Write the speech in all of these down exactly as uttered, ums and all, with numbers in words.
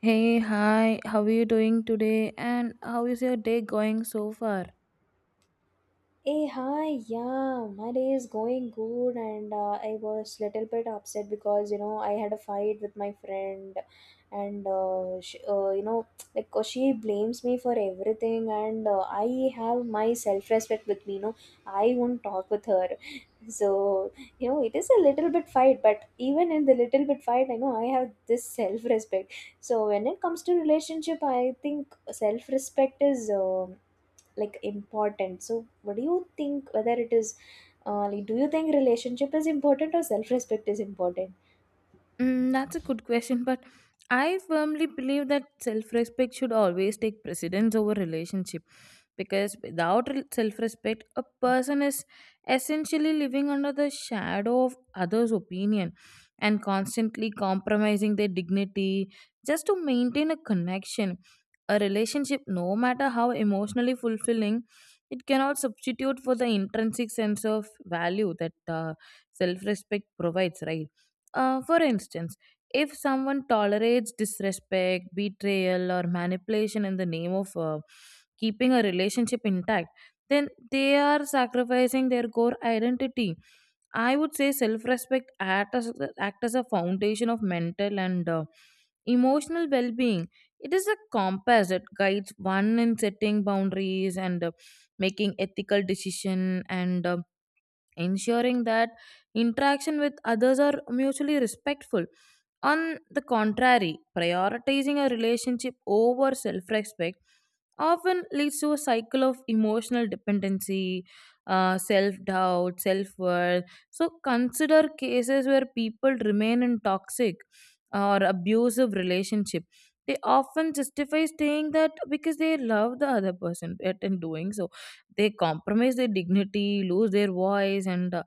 Hey, hi, how are you doing today? And how is your day going so far? Hey, hi, yeah, my day is going good, and uh, I was little bit upset because you know I had a fight with my friend, and uh, she, uh, you know, like uh, she blames me for everything, and uh, I have my self respect with me. You know, I won't talk with her, so you know it is a little bit fight, but even in the little bit fight, I know I have this self respect. So when it comes to relationship, I think self respect is. um like important, so what do you think whether it is uh, like do you think relationship is important or self-respect is important? Mm, that's a good question, but I firmly believe that self respect should always take precedence over relationship because without self respect, a person is essentially living under the shadow of others' opinion and constantly compromising their dignity just to maintain a connection. A relationship, no matter how emotionally fulfilling, it cannot substitute for the intrinsic sense of value that uh, self respect provides, right? Uh, for instance, if someone tolerates disrespect, betrayal, or manipulation in the name of uh, keeping a relationship intact, then they are sacrificing their core identity. I would say self respect act as, act as a foundation of mental and uh, emotional well being. It is a compass that guides one in setting boundaries and uh, making ethical decision and uh, ensuring that interaction with others are mutually respectful. On the contrary, prioritizing a relationship over self respect often leads to a cycle of emotional dependency, uh, self doubt, self worth. So, consider cases where people remain in toxic or abusive relationship. They often justify staying that because they love the other person, yet in doing so they compromise their dignity, lose their voice, and uh,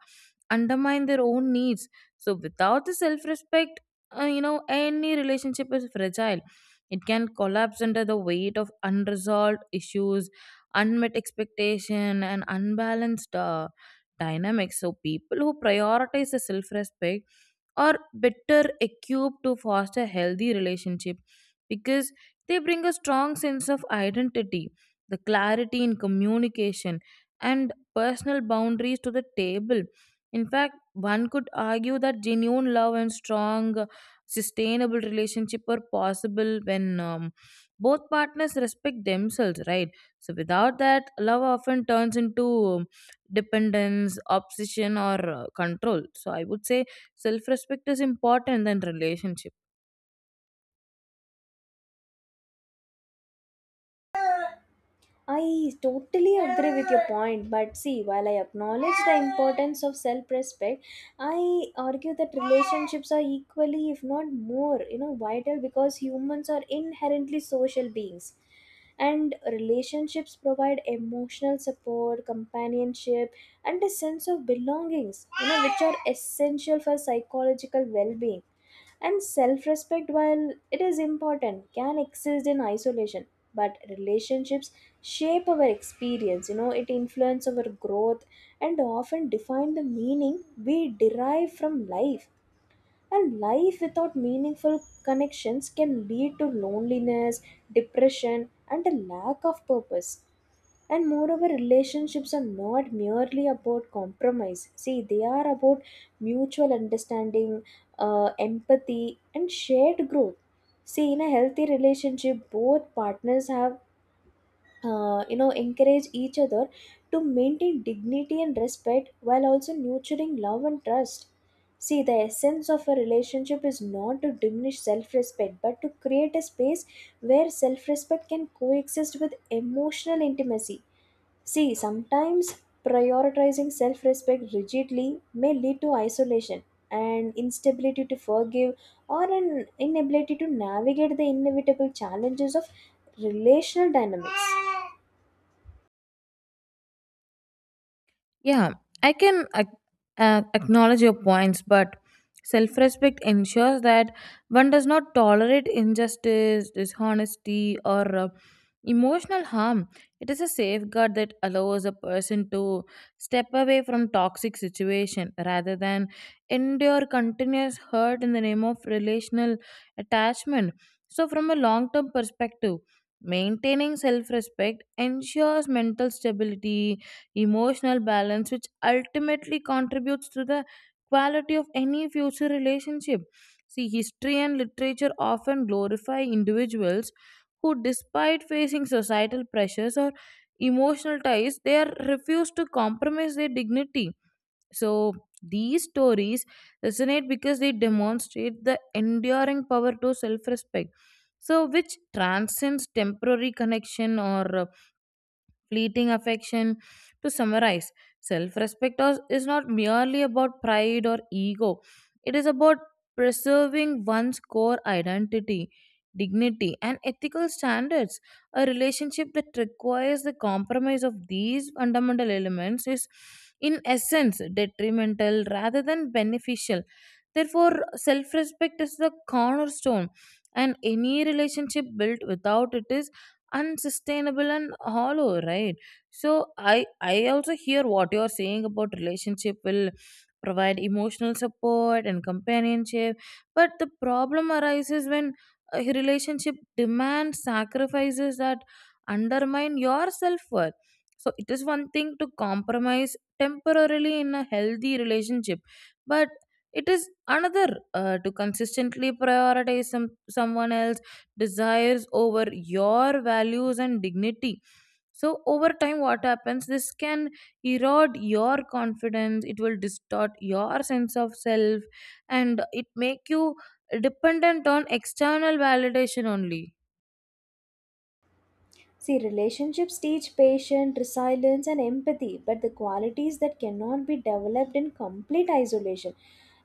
undermine their own needs. So, without the self respect, uh, you know, any relationship is fragile. It can collapse under the weight of unresolved issues, unmet expectation, and unbalanced uh, dynamics. So, people who prioritize the self respect or better equipped to foster healthy relationship because they bring a strong sense of identity, the clarity in communication, and personal boundaries to the table. In fact, one could argue that genuine love and strong uh, sustainable relationship are possible when um, both partners respect themselves, right? So without that, love often turns into um, dependence, obsession, or uh, control. So I would say self respect is important than relationship. I totally agree with your point, but see, while I acknowledge the importance of self respect, I argue that relationships are equally, if not more, you know, vital, because humans are inherently social beings. And relationships provide emotional support, companionship, and a sense of belongings, you know, which are essential for psychological well being. And self respect, while it is important, can exist in isolation. But relationships shape our experience, you know, it influences our growth and often define the meaning we derive from life. And life without meaningful connections can lead to loneliness, depression, and a lack of purpose. And moreover, relationships are not merely about compromise. See, they are about mutual understanding, uh, empathy, and shared growth. See, in a healthy relationship, both partners have, uh, you know, encourage each other to maintain dignity and respect while also nurturing love and trust. See, the essence of a relationship is not to diminish self-respect but to create a space where self-respect can coexist with emotional intimacy. See, sometimes prioritizing self-respect rigidly may lead to isolation and instability to forgive or an inability to navigate the inevitable challenges of relational dynamics. Yeah, I can ac- uh, acknowledge your points, but self respect ensures that one does not tolerate injustice, dishonesty, or uh, emotional harm. It is a safeguard that allows a person to step away from toxic situation rather than endure continuous hurt in the name of relational attachment. So, from a long term perspective, maintaining self respect ensures mental stability, emotional balance, which ultimately contributes to the quality of any future relationship. See, history and literature often glorify individuals who, despite facing societal pressures or emotional ties, they are refused to compromise their dignity. So, these stories resonate because they demonstrate the enduring power to self respect, so which transcends temporary connection or fleeting affection. To summarize, self respect is not merely about pride or ego, it is about preserving one's core identity, dignity, and ethical standards. A relationship that requires the compromise of these fundamental elements is, in essence, detrimental rather than beneficial. Therefore, self respect is the cornerstone, and any relationship built without it is unsustainable and hollow, right? So i i also hear what you're saying about relationship will provide emotional support and companionship, but the problem arises when a relationship demands sacrifices that undermine your self-worth. So it is one thing to compromise temporarily in a healthy relationship, but it is another uh, to consistently prioritize some someone else desires over your values and dignity. So over time what happens, this can erode your confidence, it will distort your sense of self, and it make you dependent on external validation only. See, relationships teach patience, resilience, and empathy, but the qualities that cannot be developed in complete isolation.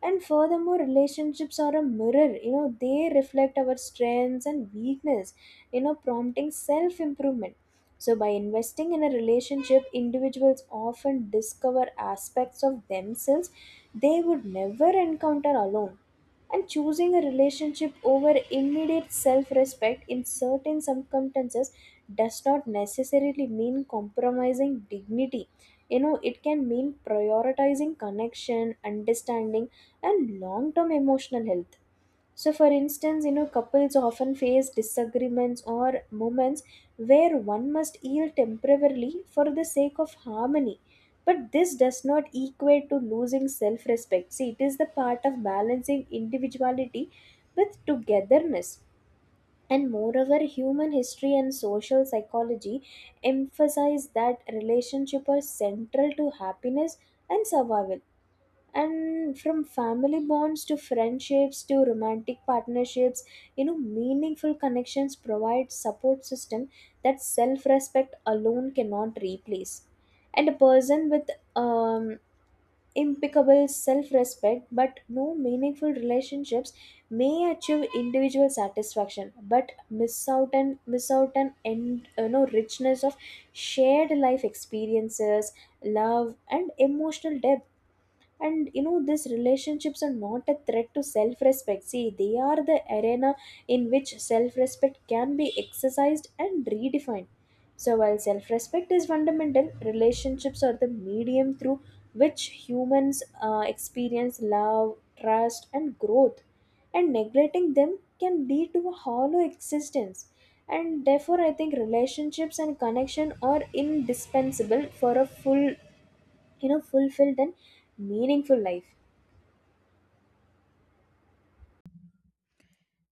And furthermore, relationships are a mirror. You know, they reflect our strengths and weakness, you know, prompting self improvement. So, by investing in a relationship, individuals often discover aspects of themselves they would never encounter alone, and choosing a relationship over immediate self respect in certain circumstances does not necessarily mean compromising dignity. You know, it can mean prioritizing connection, understanding, and long term emotional health. So, for instance, you know, couples often face disagreements or moments where one must yield temporarily for the sake of harmony. But this does not equate to losing self respect. See, it is the part of balancing individuality with togetherness. And moreover, human history and social psychology emphasize that relationships are central to happiness and survival, and from family bonds to friendships to romantic partnerships, you know, meaningful connections provide support system that self-respect alone cannot replace. And a person with um, impeccable self-respect but no meaningful relationships may achieve individual satisfaction but miss out, and miss out an end, you know, richness of shared life experiences, love, and emotional depth. And you know, these relationships are not a threat to self-respect. See, they are the arena in which self-respect can be exercised and redefined. So while self-respect is fundamental, relationships are the medium through which humans uh, experience love, trust, and growth, and neglecting them can lead to a hollow existence. And therefore I think relationships and connection are indispensable for a full, you know, fulfilled, and meaningful life.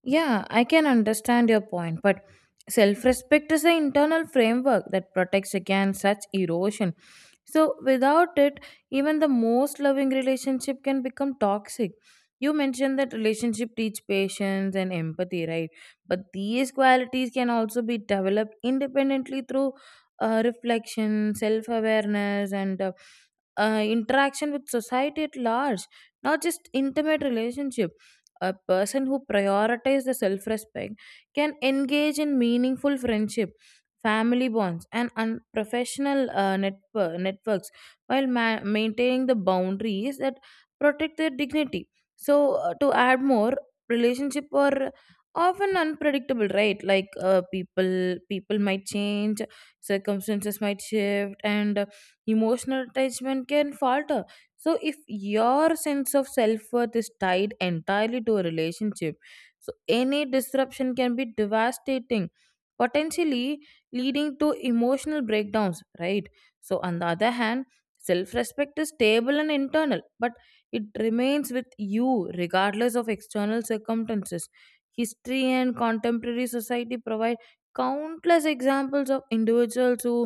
Yeah, I can understand your point, but self respect is an internal framework that protects against such erosion. So, without it, even the most loving relationship can become toxic. You mentioned that relationship teach patience and empathy, right? But these qualities can also be developed independently through uh, reflection, self awareness, and uh, uh, interaction with society at large, not just intimate relationship. A person who prioritizes the self respect can engage in meaningful friendship, family bonds, and un- professional uh, network- networks while ma- maintaining the boundaries that protect their dignity. So, uh, to add more, relationship are often unpredictable, right? Like uh, people, people might change, circumstances might shift, and uh, emotional attachment can falter. So if your sense of self-worth is tied entirely to a relationship, so any disruption can be devastating, potentially leading to emotional breakdowns, right? So on the other hand, self-respect is stable and internal, but it remains with you regardless of external circumstances. History and contemporary society provide countless examples of individuals who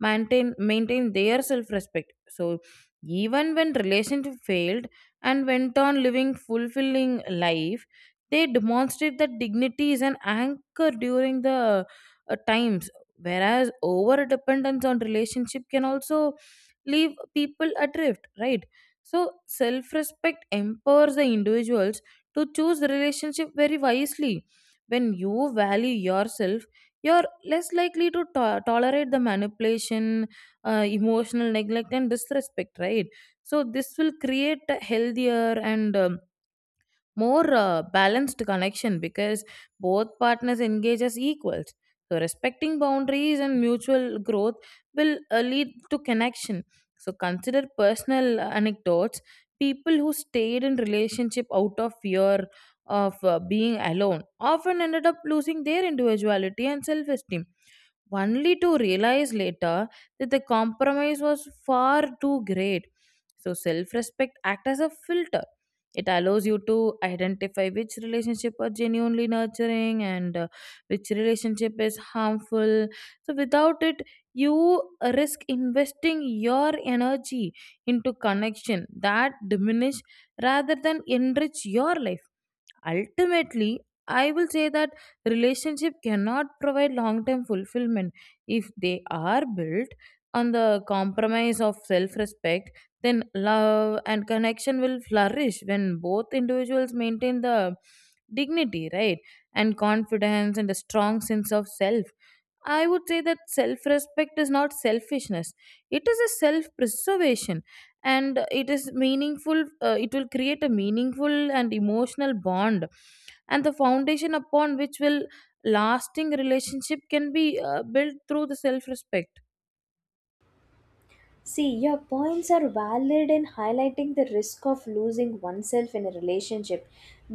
maintain maintain their self respect, so even when relationship failed and went on living fulfilling life, they demonstrate that dignity is an anchor during the uh, times. Whereas over dependence on relationship can also leave people adrift, right? So self respect empowers the individuals to choose relationship very wisely. When you value yourself, you're less likely to to- tolerate the manipulation, uh, emotional neglect, and disrespect, right? So this will create a healthier and um, more uh, balanced connection because both partners engage as equals. So respecting boundaries and mutual growth will uh, lead to connection. So consider personal anecdotes. People who stayed in relationship out of fear of uh, being alone often ended up losing their individuality and self-esteem only to realize later that the compromise was far too great. So, self respect act as a filter, it allows you to identify which relationship are genuinely nurturing and uh, which relationship is harmful. So, without it, you risk investing your energy into connection that diminish rather than enrich your life. Ultimately, I will say that relationship cannot provide long term fulfillment if they are built on the compromise of self respect. Then love and connection will flourish when both individuals maintain the dignity, right? And confidence and a strong sense of self. I would say that self respect is not selfishness, it is a self preservation, and it is meaningful uh, it will create a meaningful and emotional bond and the foundation upon which will lasting relationship can be uh, built through the self respect. See, your points are valid in highlighting the risk of losing oneself in a relationship,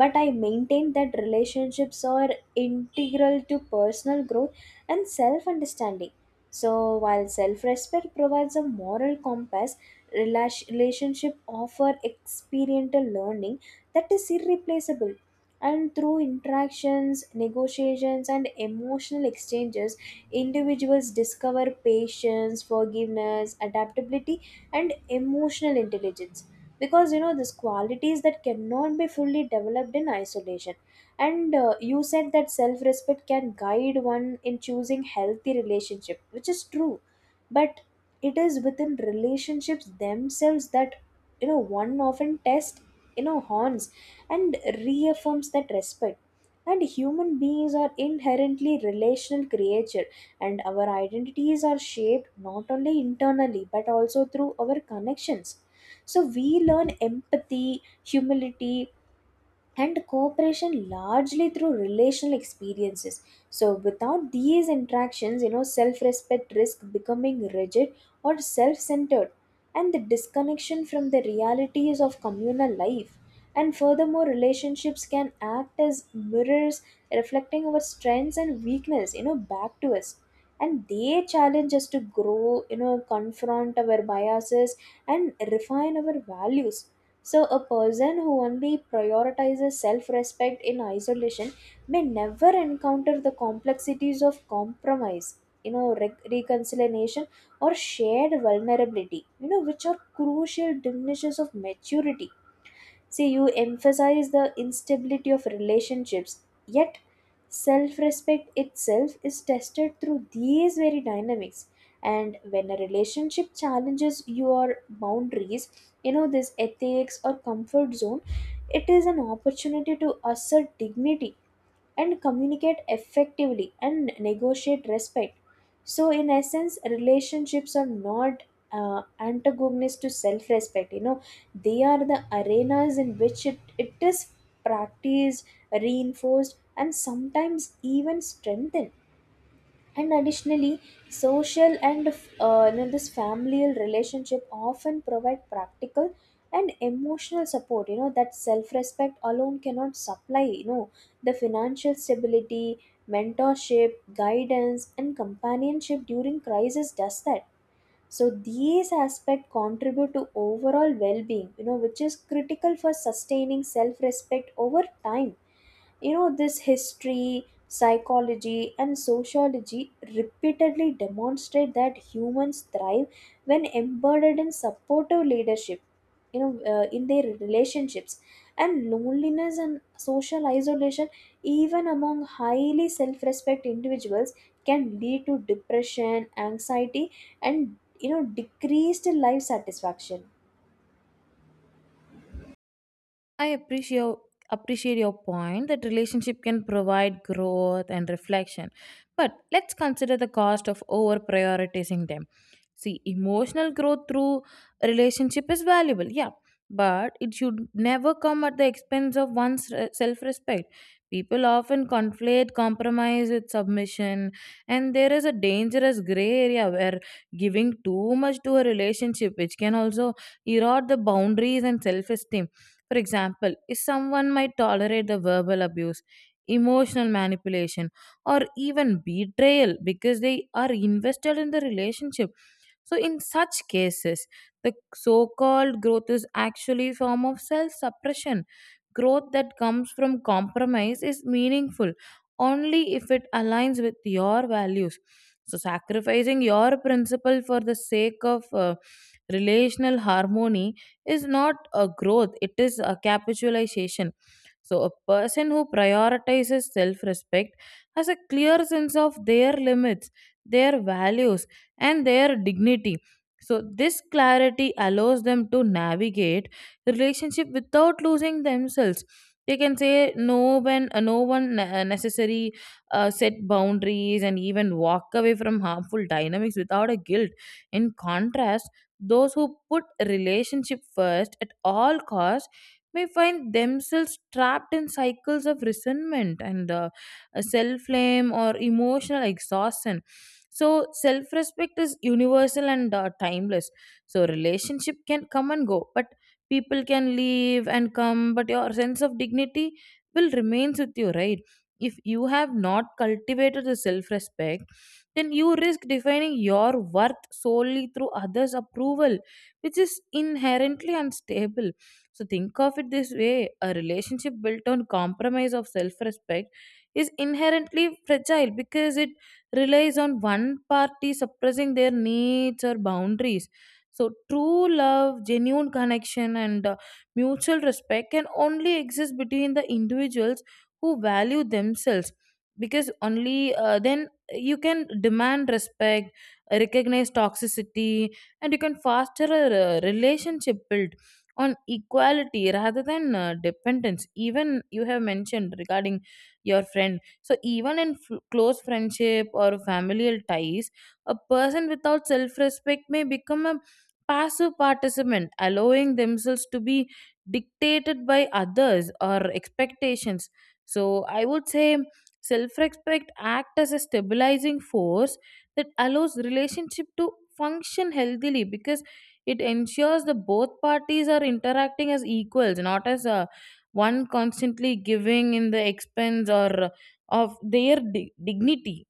but I maintain that relationships are integral to personal growth and self understanding. So while self respect provides a moral compass, rela- relationship offer experiential learning that is irreplaceable, and through interactions, negotiations, and emotional exchanges, individuals discover patience, forgiveness, adaptability, and emotional intelligence. Because you know, these qualities that cannot be fully developed in isolation. And uh, you said that self respect can guide one in choosing healthy relationship, which is true. But it is within relationships themselves that, you know, one often tests, you know, horns, and reaffirms that respect. And human beings are inherently relational creature, and our identities are shaped not only internally but also through our connections. So we learn empathy, humility, and cooperation largely through relational experiences. So without these interactions, you know, self respect risk becoming rigid or self centered, and the disconnection from the realities of communal life. And furthermore, relationships can act as mirrors reflecting our strengths and weakness, you know, back to us. And they challenge us to grow, you know, confront our biases and refine our values. So, a person who only prioritizes self respect in isolation may never encounter the complexities of compromise, you know, re- reconciliation, or shared vulnerability, you know, which are crucial diminishes of maturity. See, you emphasize the instability of relationships, yet self respect itself is tested through these very dynamics. And when a relationship challenges your boundaries, you know, this ethics or comfort zone, it is an opportunity to assert dignity and communicate effectively and negotiate respect. So, in essence, relationships are not uh, antagonist to self respect. You know, they are the arenas in which it, it is practiced, reinforced, and sometimes even strengthened. And additionally, social and, uh, you know, this familial relationship often provide practical and emotional support. You know that self-respect alone cannot supply. You know, the financial stability, mentorship, guidance, and companionship during crisis does that. So these aspects contribute to overall well-being, you know, which is critical for sustaining self-respect over time. You know, this history, psychology, and sociology repeatedly demonstrate that humans thrive when embedded in supportive leadership, you know, uh, in their relationships. And loneliness and social isolation, even among highly self-respect individuals, can lead to depression, anxiety, and, you know, decreased life satisfaction. I appreciate Appreciate your point that relationship can provide growth and reflection. But let's consider the cost of over prioritizing them. See, emotional growth through relationship is valuable, yeah, but it should never come at the expense of one's self respect. People often conflate compromise with submission, and there is a dangerous gray area where giving too much to a relationship, which can also erode the boundaries and self esteem. For example, if someone might tolerate the verbal abuse, emotional manipulation, or even betrayal because they are invested in the relationship, so in such cases, the so-called growth is actually a form of self-suppression. Growth that comes from compromise is meaningful only if it aligns with your values. So sacrificing your principle for the sake of uh, relational harmony is not a growth, it is a capitulation. So, a person who prioritizes self respect has a clear sense of their limits, their values, and their dignity. So, this clarity allows them to navigate relationship without losing themselves. They can say no when uh, no one ne- uh, necessary, uh, set boundaries and even walk away from harmful dynamics without a guilt. In contrast, those who put relationship first at all costs may find themselves trapped in cycles of resentment and uh, self blame or emotional exhaustion. So self respect is universal and uh, timeless, so relationship can come and go, but people can leave and come, but your sense of dignity will remains with you, right? If you have not cultivated the self respect, then you risk defining your worth solely through others approval, which is inherently unstable. So think of it this way, a relationship built on compromise of self respect is inherently fragile because it relies on one party suppressing their needs or boundaries. So, true love, genuine connection, and uh, mutual respect can only exist between the individuals who value themselves, because only uh, then you can demand respect, recognize toxicity, and you can foster a uh, relationship built on equality rather than uh, dependence. Even you have mentioned regarding your friend, so even in f- close friendship or familial ties, a person without self-respect may become a passive participant, allowing themselves to be dictated by others or expectations. So I would say self-respect act as a stabilizing force that allows relationship to function healthily because it ensures that both parties are interacting as equals, not as a one constantly giving in the expense or of their di- dignity.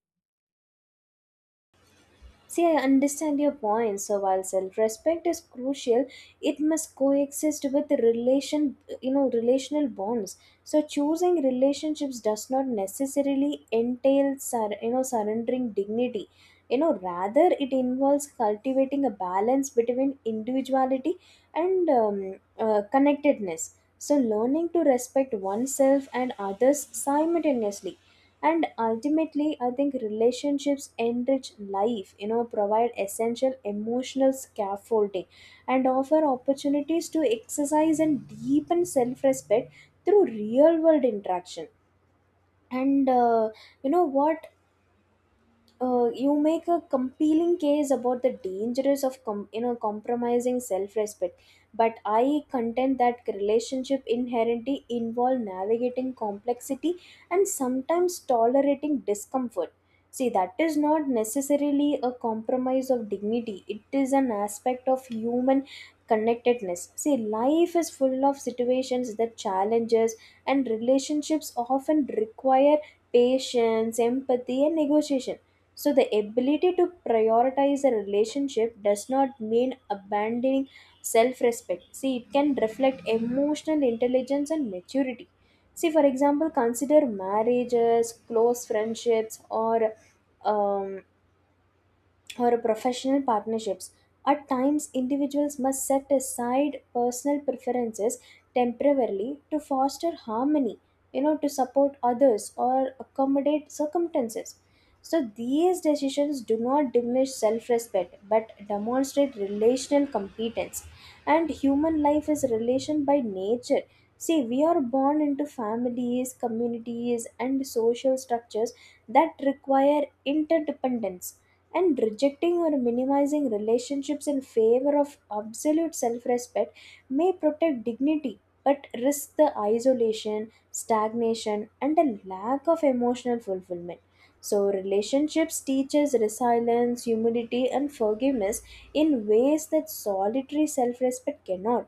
See, I understand your point. So while self-respect is crucial, it must coexist with relation, you know, relational bonds. So choosing relationships does not necessarily entail, sur- you know, surrendering dignity. You know, rather it involves cultivating a balance between individuality and um, uh, connectedness. So learning to respect oneself and others simultaneously. And ultimately I think relationships enrich life, you know, provide essential emotional scaffolding and offer opportunities to exercise and deepen self-respect through real world interaction. And uh, you know what, uh, you make a compelling case about the dangers of com- you know, compromising self-respect, but I contend that relationship inherently involve navigating complexity and sometimes tolerating discomfort. See, that is not necessarily a compromise of dignity, it is an aspect of human connectedness. See, life is full of situations that challenges, and relationships often require patience, empathy, and negotiation. So, the ability to prioritize a relationship does not mean abandoning self respect. See, it can reflect emotional intelligence and maturity. See, for example, consider marriages, close friendships, or um, or professional partnerships. At times, individuals must set aside personal preferences temporarily to foster harmony, you know, to support others or accommodate circumstances. So, these decisions do not diminish self respect but demonstrate relational competence. And human life is relation by nature. See, we are born into families, communities, and social structures that require interdependence, and rejecting or minimizing relationships in favor of absolute self respect may protect dignity but risk the isolation, stagnation, and a lack of emotional fulfillment. So, relationships teaches resilience, humility, and forgiveness in ways that solitary self respect cannot.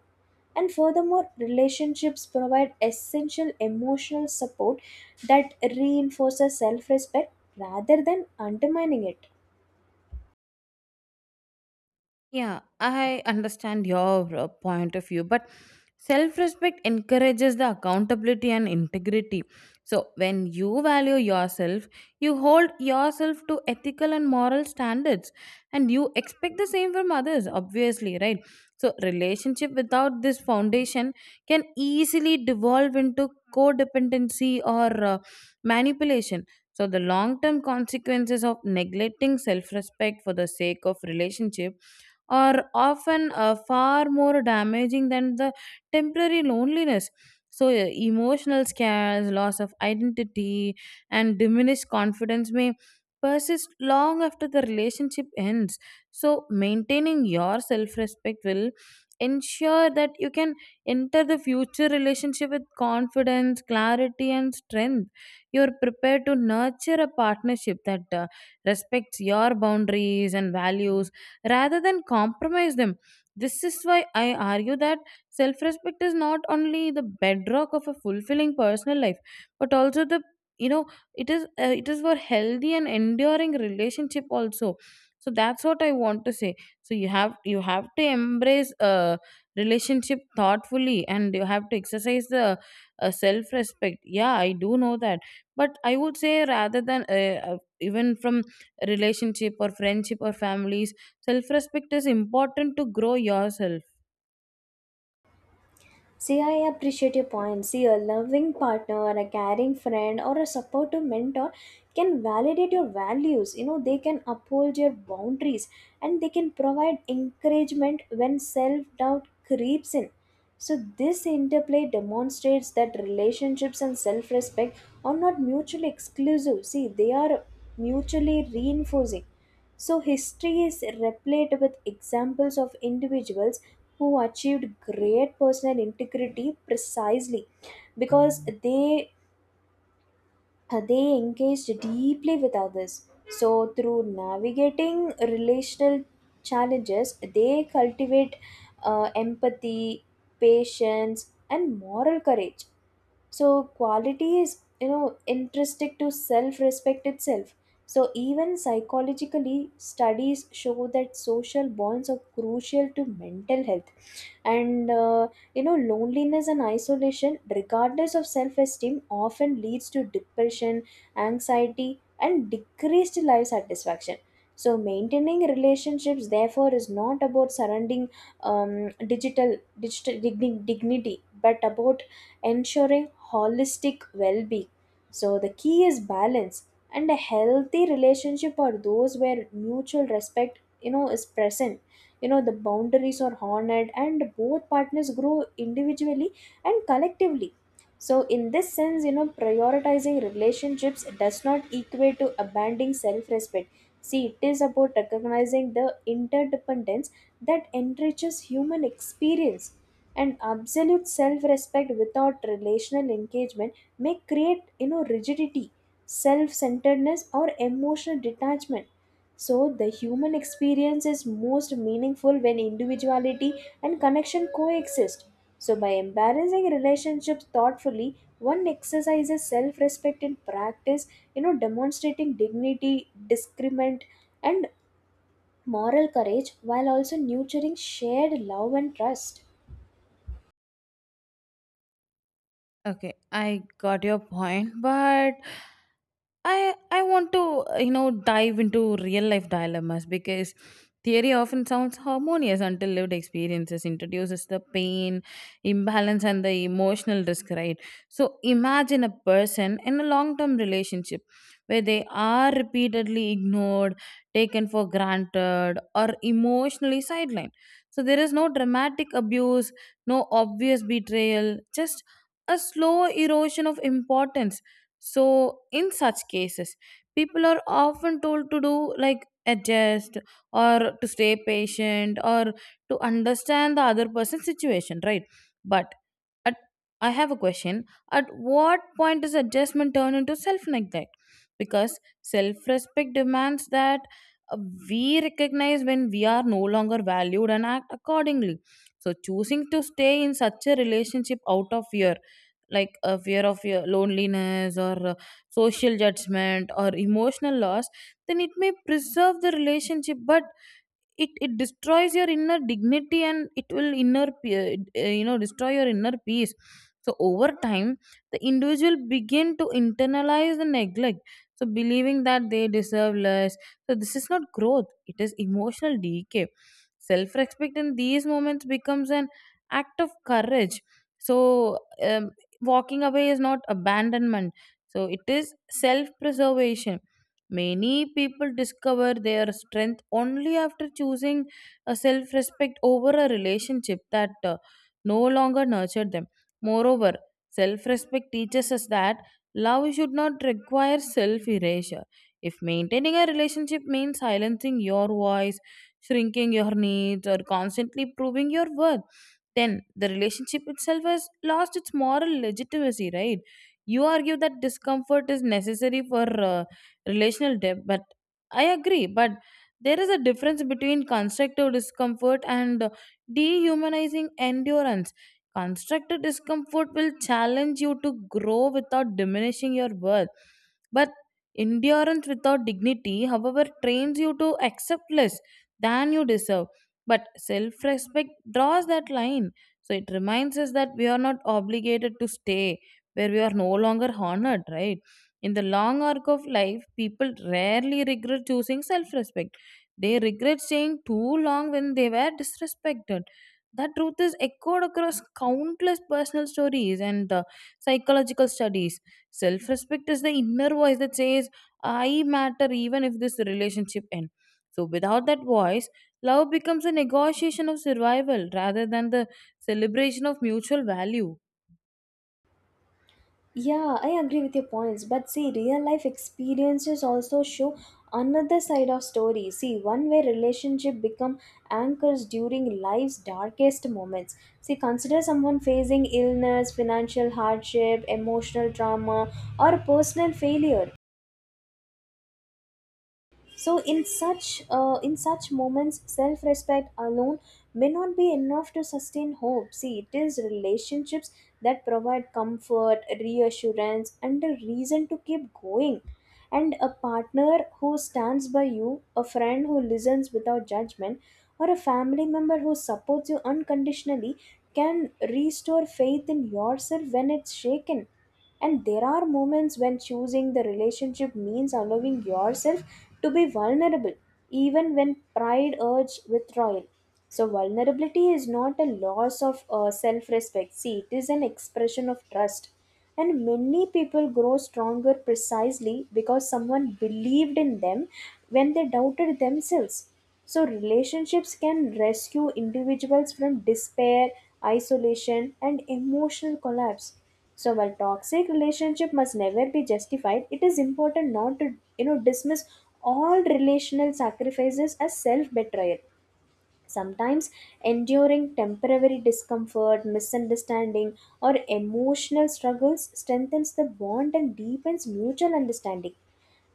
And furthermore, relationships provide essential emotional support that reinforces self respect rather than undermining it. Yeah, I understand your uh, point of view, but self respect encourages the accountability and integrity. So, when you value yourself, you hold yourself to ethical and moral standards, and you expect the same from others, obviously, right? So, relationship without this foundation can easily devolve into codependency or uh, manipulation. So, the long term consequences of neglecting self respect for the sake of relationship are often uh, far more damaging than the temporary loneliness. So, uh, emotional scares, loss of identity, and diminished confidence may persist long after the relationship ends. So, maintaining your self respect will ensure that you can enter the future relationship with confidence, clarity, and strength. You're prepared to nurture a partnership that uh, respects your boundaries and values rather than compromise them. This is why I argue that self respect is not only the bedrock of a fulfilling personal life, but also the you know it is uh, it is for healthy and enduring relationship also. So that's what I want to say. So you have you have to embrace uh, relationship thoughtfully, and you have to exercise the uh, self respect. Yeah, I do know that, but I would say rather than uh, uh, even from relationship or friendship or families, self respect is important to grow yourself. See, I appreciate your point. See, a loving partner, a caring friend, or a supportive mentor can validate your values. You know, they can uphold your boundaries and they can provide encouragement when self doubt creeps in. So, this interplay demonstrates that relationships and self respect are not mutually exclusive. See, they are mutually reinforcing. So, history is replete with examples of individuals who achieved great personal integrity precisely because they they engaged deeply with others. So through navigating relational challenges, they cultivate uh, empathy, patience, and moral courage. So quality is, you know, intrinsic to self respect itself. So even psychologically, studies show that social bonds are crucial to mental health, and uh, you know, loneliness and isolation, regardless of self esteem, often leads to depression, anxiety, and decreased life satisfaction. So maintaining relationships therefore is not about surrounding um, digital, digital digni- dignity, but about ensuring holistic well-being. So the key is balance, and a healthy relationship are those where mutual respect, you know, is present, you know, the boundaries are honored, and both partners grow individually and collectively. So in this sense, you know, prioritizing relationships does not equate to abandoning self-respect. See, it is about recognizing the interdependence that enriches human experience. And absolute self-respect without relational engagement may create, you know, rigidity, self-centeredness, or emotional detachment. So, the human experience is most meaningful when individuality and connection coexist. So, by embracing relationships thoughtfully, one exercises self respect in practice, you know, demonstrating dignity, discernment, and moral courage while also nurturing shared love and trust. Okay, I got your point, but I I want to uh, you know dive into real life dilemmas, because theory often sounds harmonious until lived experiences introduces the pain, imbalance, and the emotional risk. Right. So imagine a person in a long term relationship where they are repeatedly ignored, taken for granted, or emotionally sidelined. So there is no dramatic abuse, no obvious betrayal, just a slow erosion of importance. So, in such cases, people are often told to do like adjust, or to stay patient, or to understand the other person's situation, right? But at I have a question. At what point does adjustment turn into self neglect? Because self respect demands that uh, we recognize when we are no longer valued and act accordingly. So choosing to stay in such a relationship out of fear, like a fear of your loneliness or uh, social judgment or emotional loss, then it may preserve the relationship, but it it destroys your inner dignity, and it will inner pe- uh, you know destroy your inner peace. So over time the individual begin to internalize the neglect, so believing that they deserve less. So this is not growth, it is emotional decay. Self respect in these moments becomes an act of courage. So um, walking away is not abandonment, so it is self preservation. Many people discover their strength only after choosing a self respect over a relationship that uh, no longer nurtured them. Moreover, self respect teaches us that love should not require self erasure. If maintaining a relationship means silencing your voice, shrinking your needs, or constantly proving your worth, then the relationship itself has lost its moral legitimacy, right? You argue that discomfort is necessary for uh, relational depth, but I agree. But there is a difference between constructive discomfort and dehumanizing endurance. Constructive discomfort will challenge you to grow without diminishing your worth, but endurance without dignity however trains you to accept less than you deserve. But self-respect draws that line. So it reminds us that we are not obligated to stay where we are no longer honored, right? In the long arc of life, people rarely regret choosing self respect. They regret staying too long when they were disrespected. That truth is echoed across countless personal stories and uh, psychological studies. Self respect is the inner voice that says, I matter even if this relationship ends. So, without that voice, love becomes a negotiation of survival rather than the celebration of mutual value. Yeah, I agree with your points. But see, real life experiences also show another side of stories. See, one where relationship become anchors during life's darkest moments. See, consider someone facing illness, financial hardship, emotional trauma, or personal failure. So in such uh, in such moments, self respect alone may not be enough to sustain hope. See, it is relationships that provide comfort, reassurance, and a reason to keep going. And a partner who stands by you, a friend who listens without judgment, or a family member who supports you unconditionally can restore faith in yourself when it's shaken. And there are moments when choosing the relationship means allowing yourself to be vulnerable, even when pride urges withdrawal. So, vulnerability is not a loss of uh, self respect. See, it is an expression of trust. And many people grow stronger precisely because someone believed in them when they doubted themselves. So, relationships can rescue individuals from despair, isolation, and emotional collapse. So, while toxic relationship must never be justified, it is important not to, you know, dismiss all relational sacrifices as self betrayal. Sometimes enduring temporary discomfort, misunderstanding, or emotional struggles strengthens the bond and deepens mutual understanding.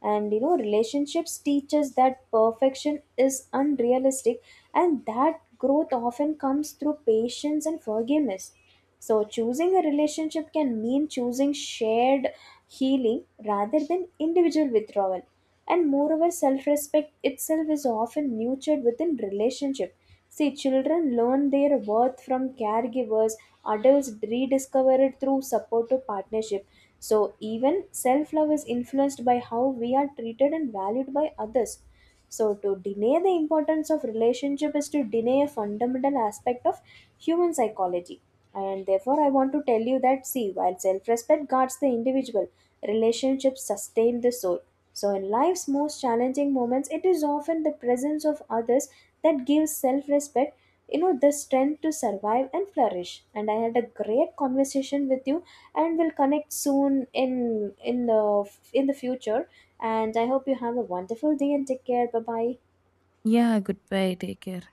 And you know, relationships teach us that perfection is unrealistic and that growth often comes through patience and forgiveness. So, choosing a relationship can mean choosing shared healing rather than individual withdrawal. And moreover, self respect itself is often nurtured within relationship. See, children learn their worth from caregivers, adults rediscover it through supportive partnership. So, even self love is influenced by how we are treated and valued by others. So, to deny the importance of relationship is to deny a fundamental aspect of human psychology. And therefore, I want to tell you that, see, while self respect guards the individual, relationships sustain the soul. So, in life's most challenging moments, it is often the presence of others that gives self respect, you know, the strength to survive and flourish. And I had a great conversation with you, and we'll connect soon in in the in the future. And I hope you have a wonderful day, and take care. Bye bye. Yeah, goodbye. Take care.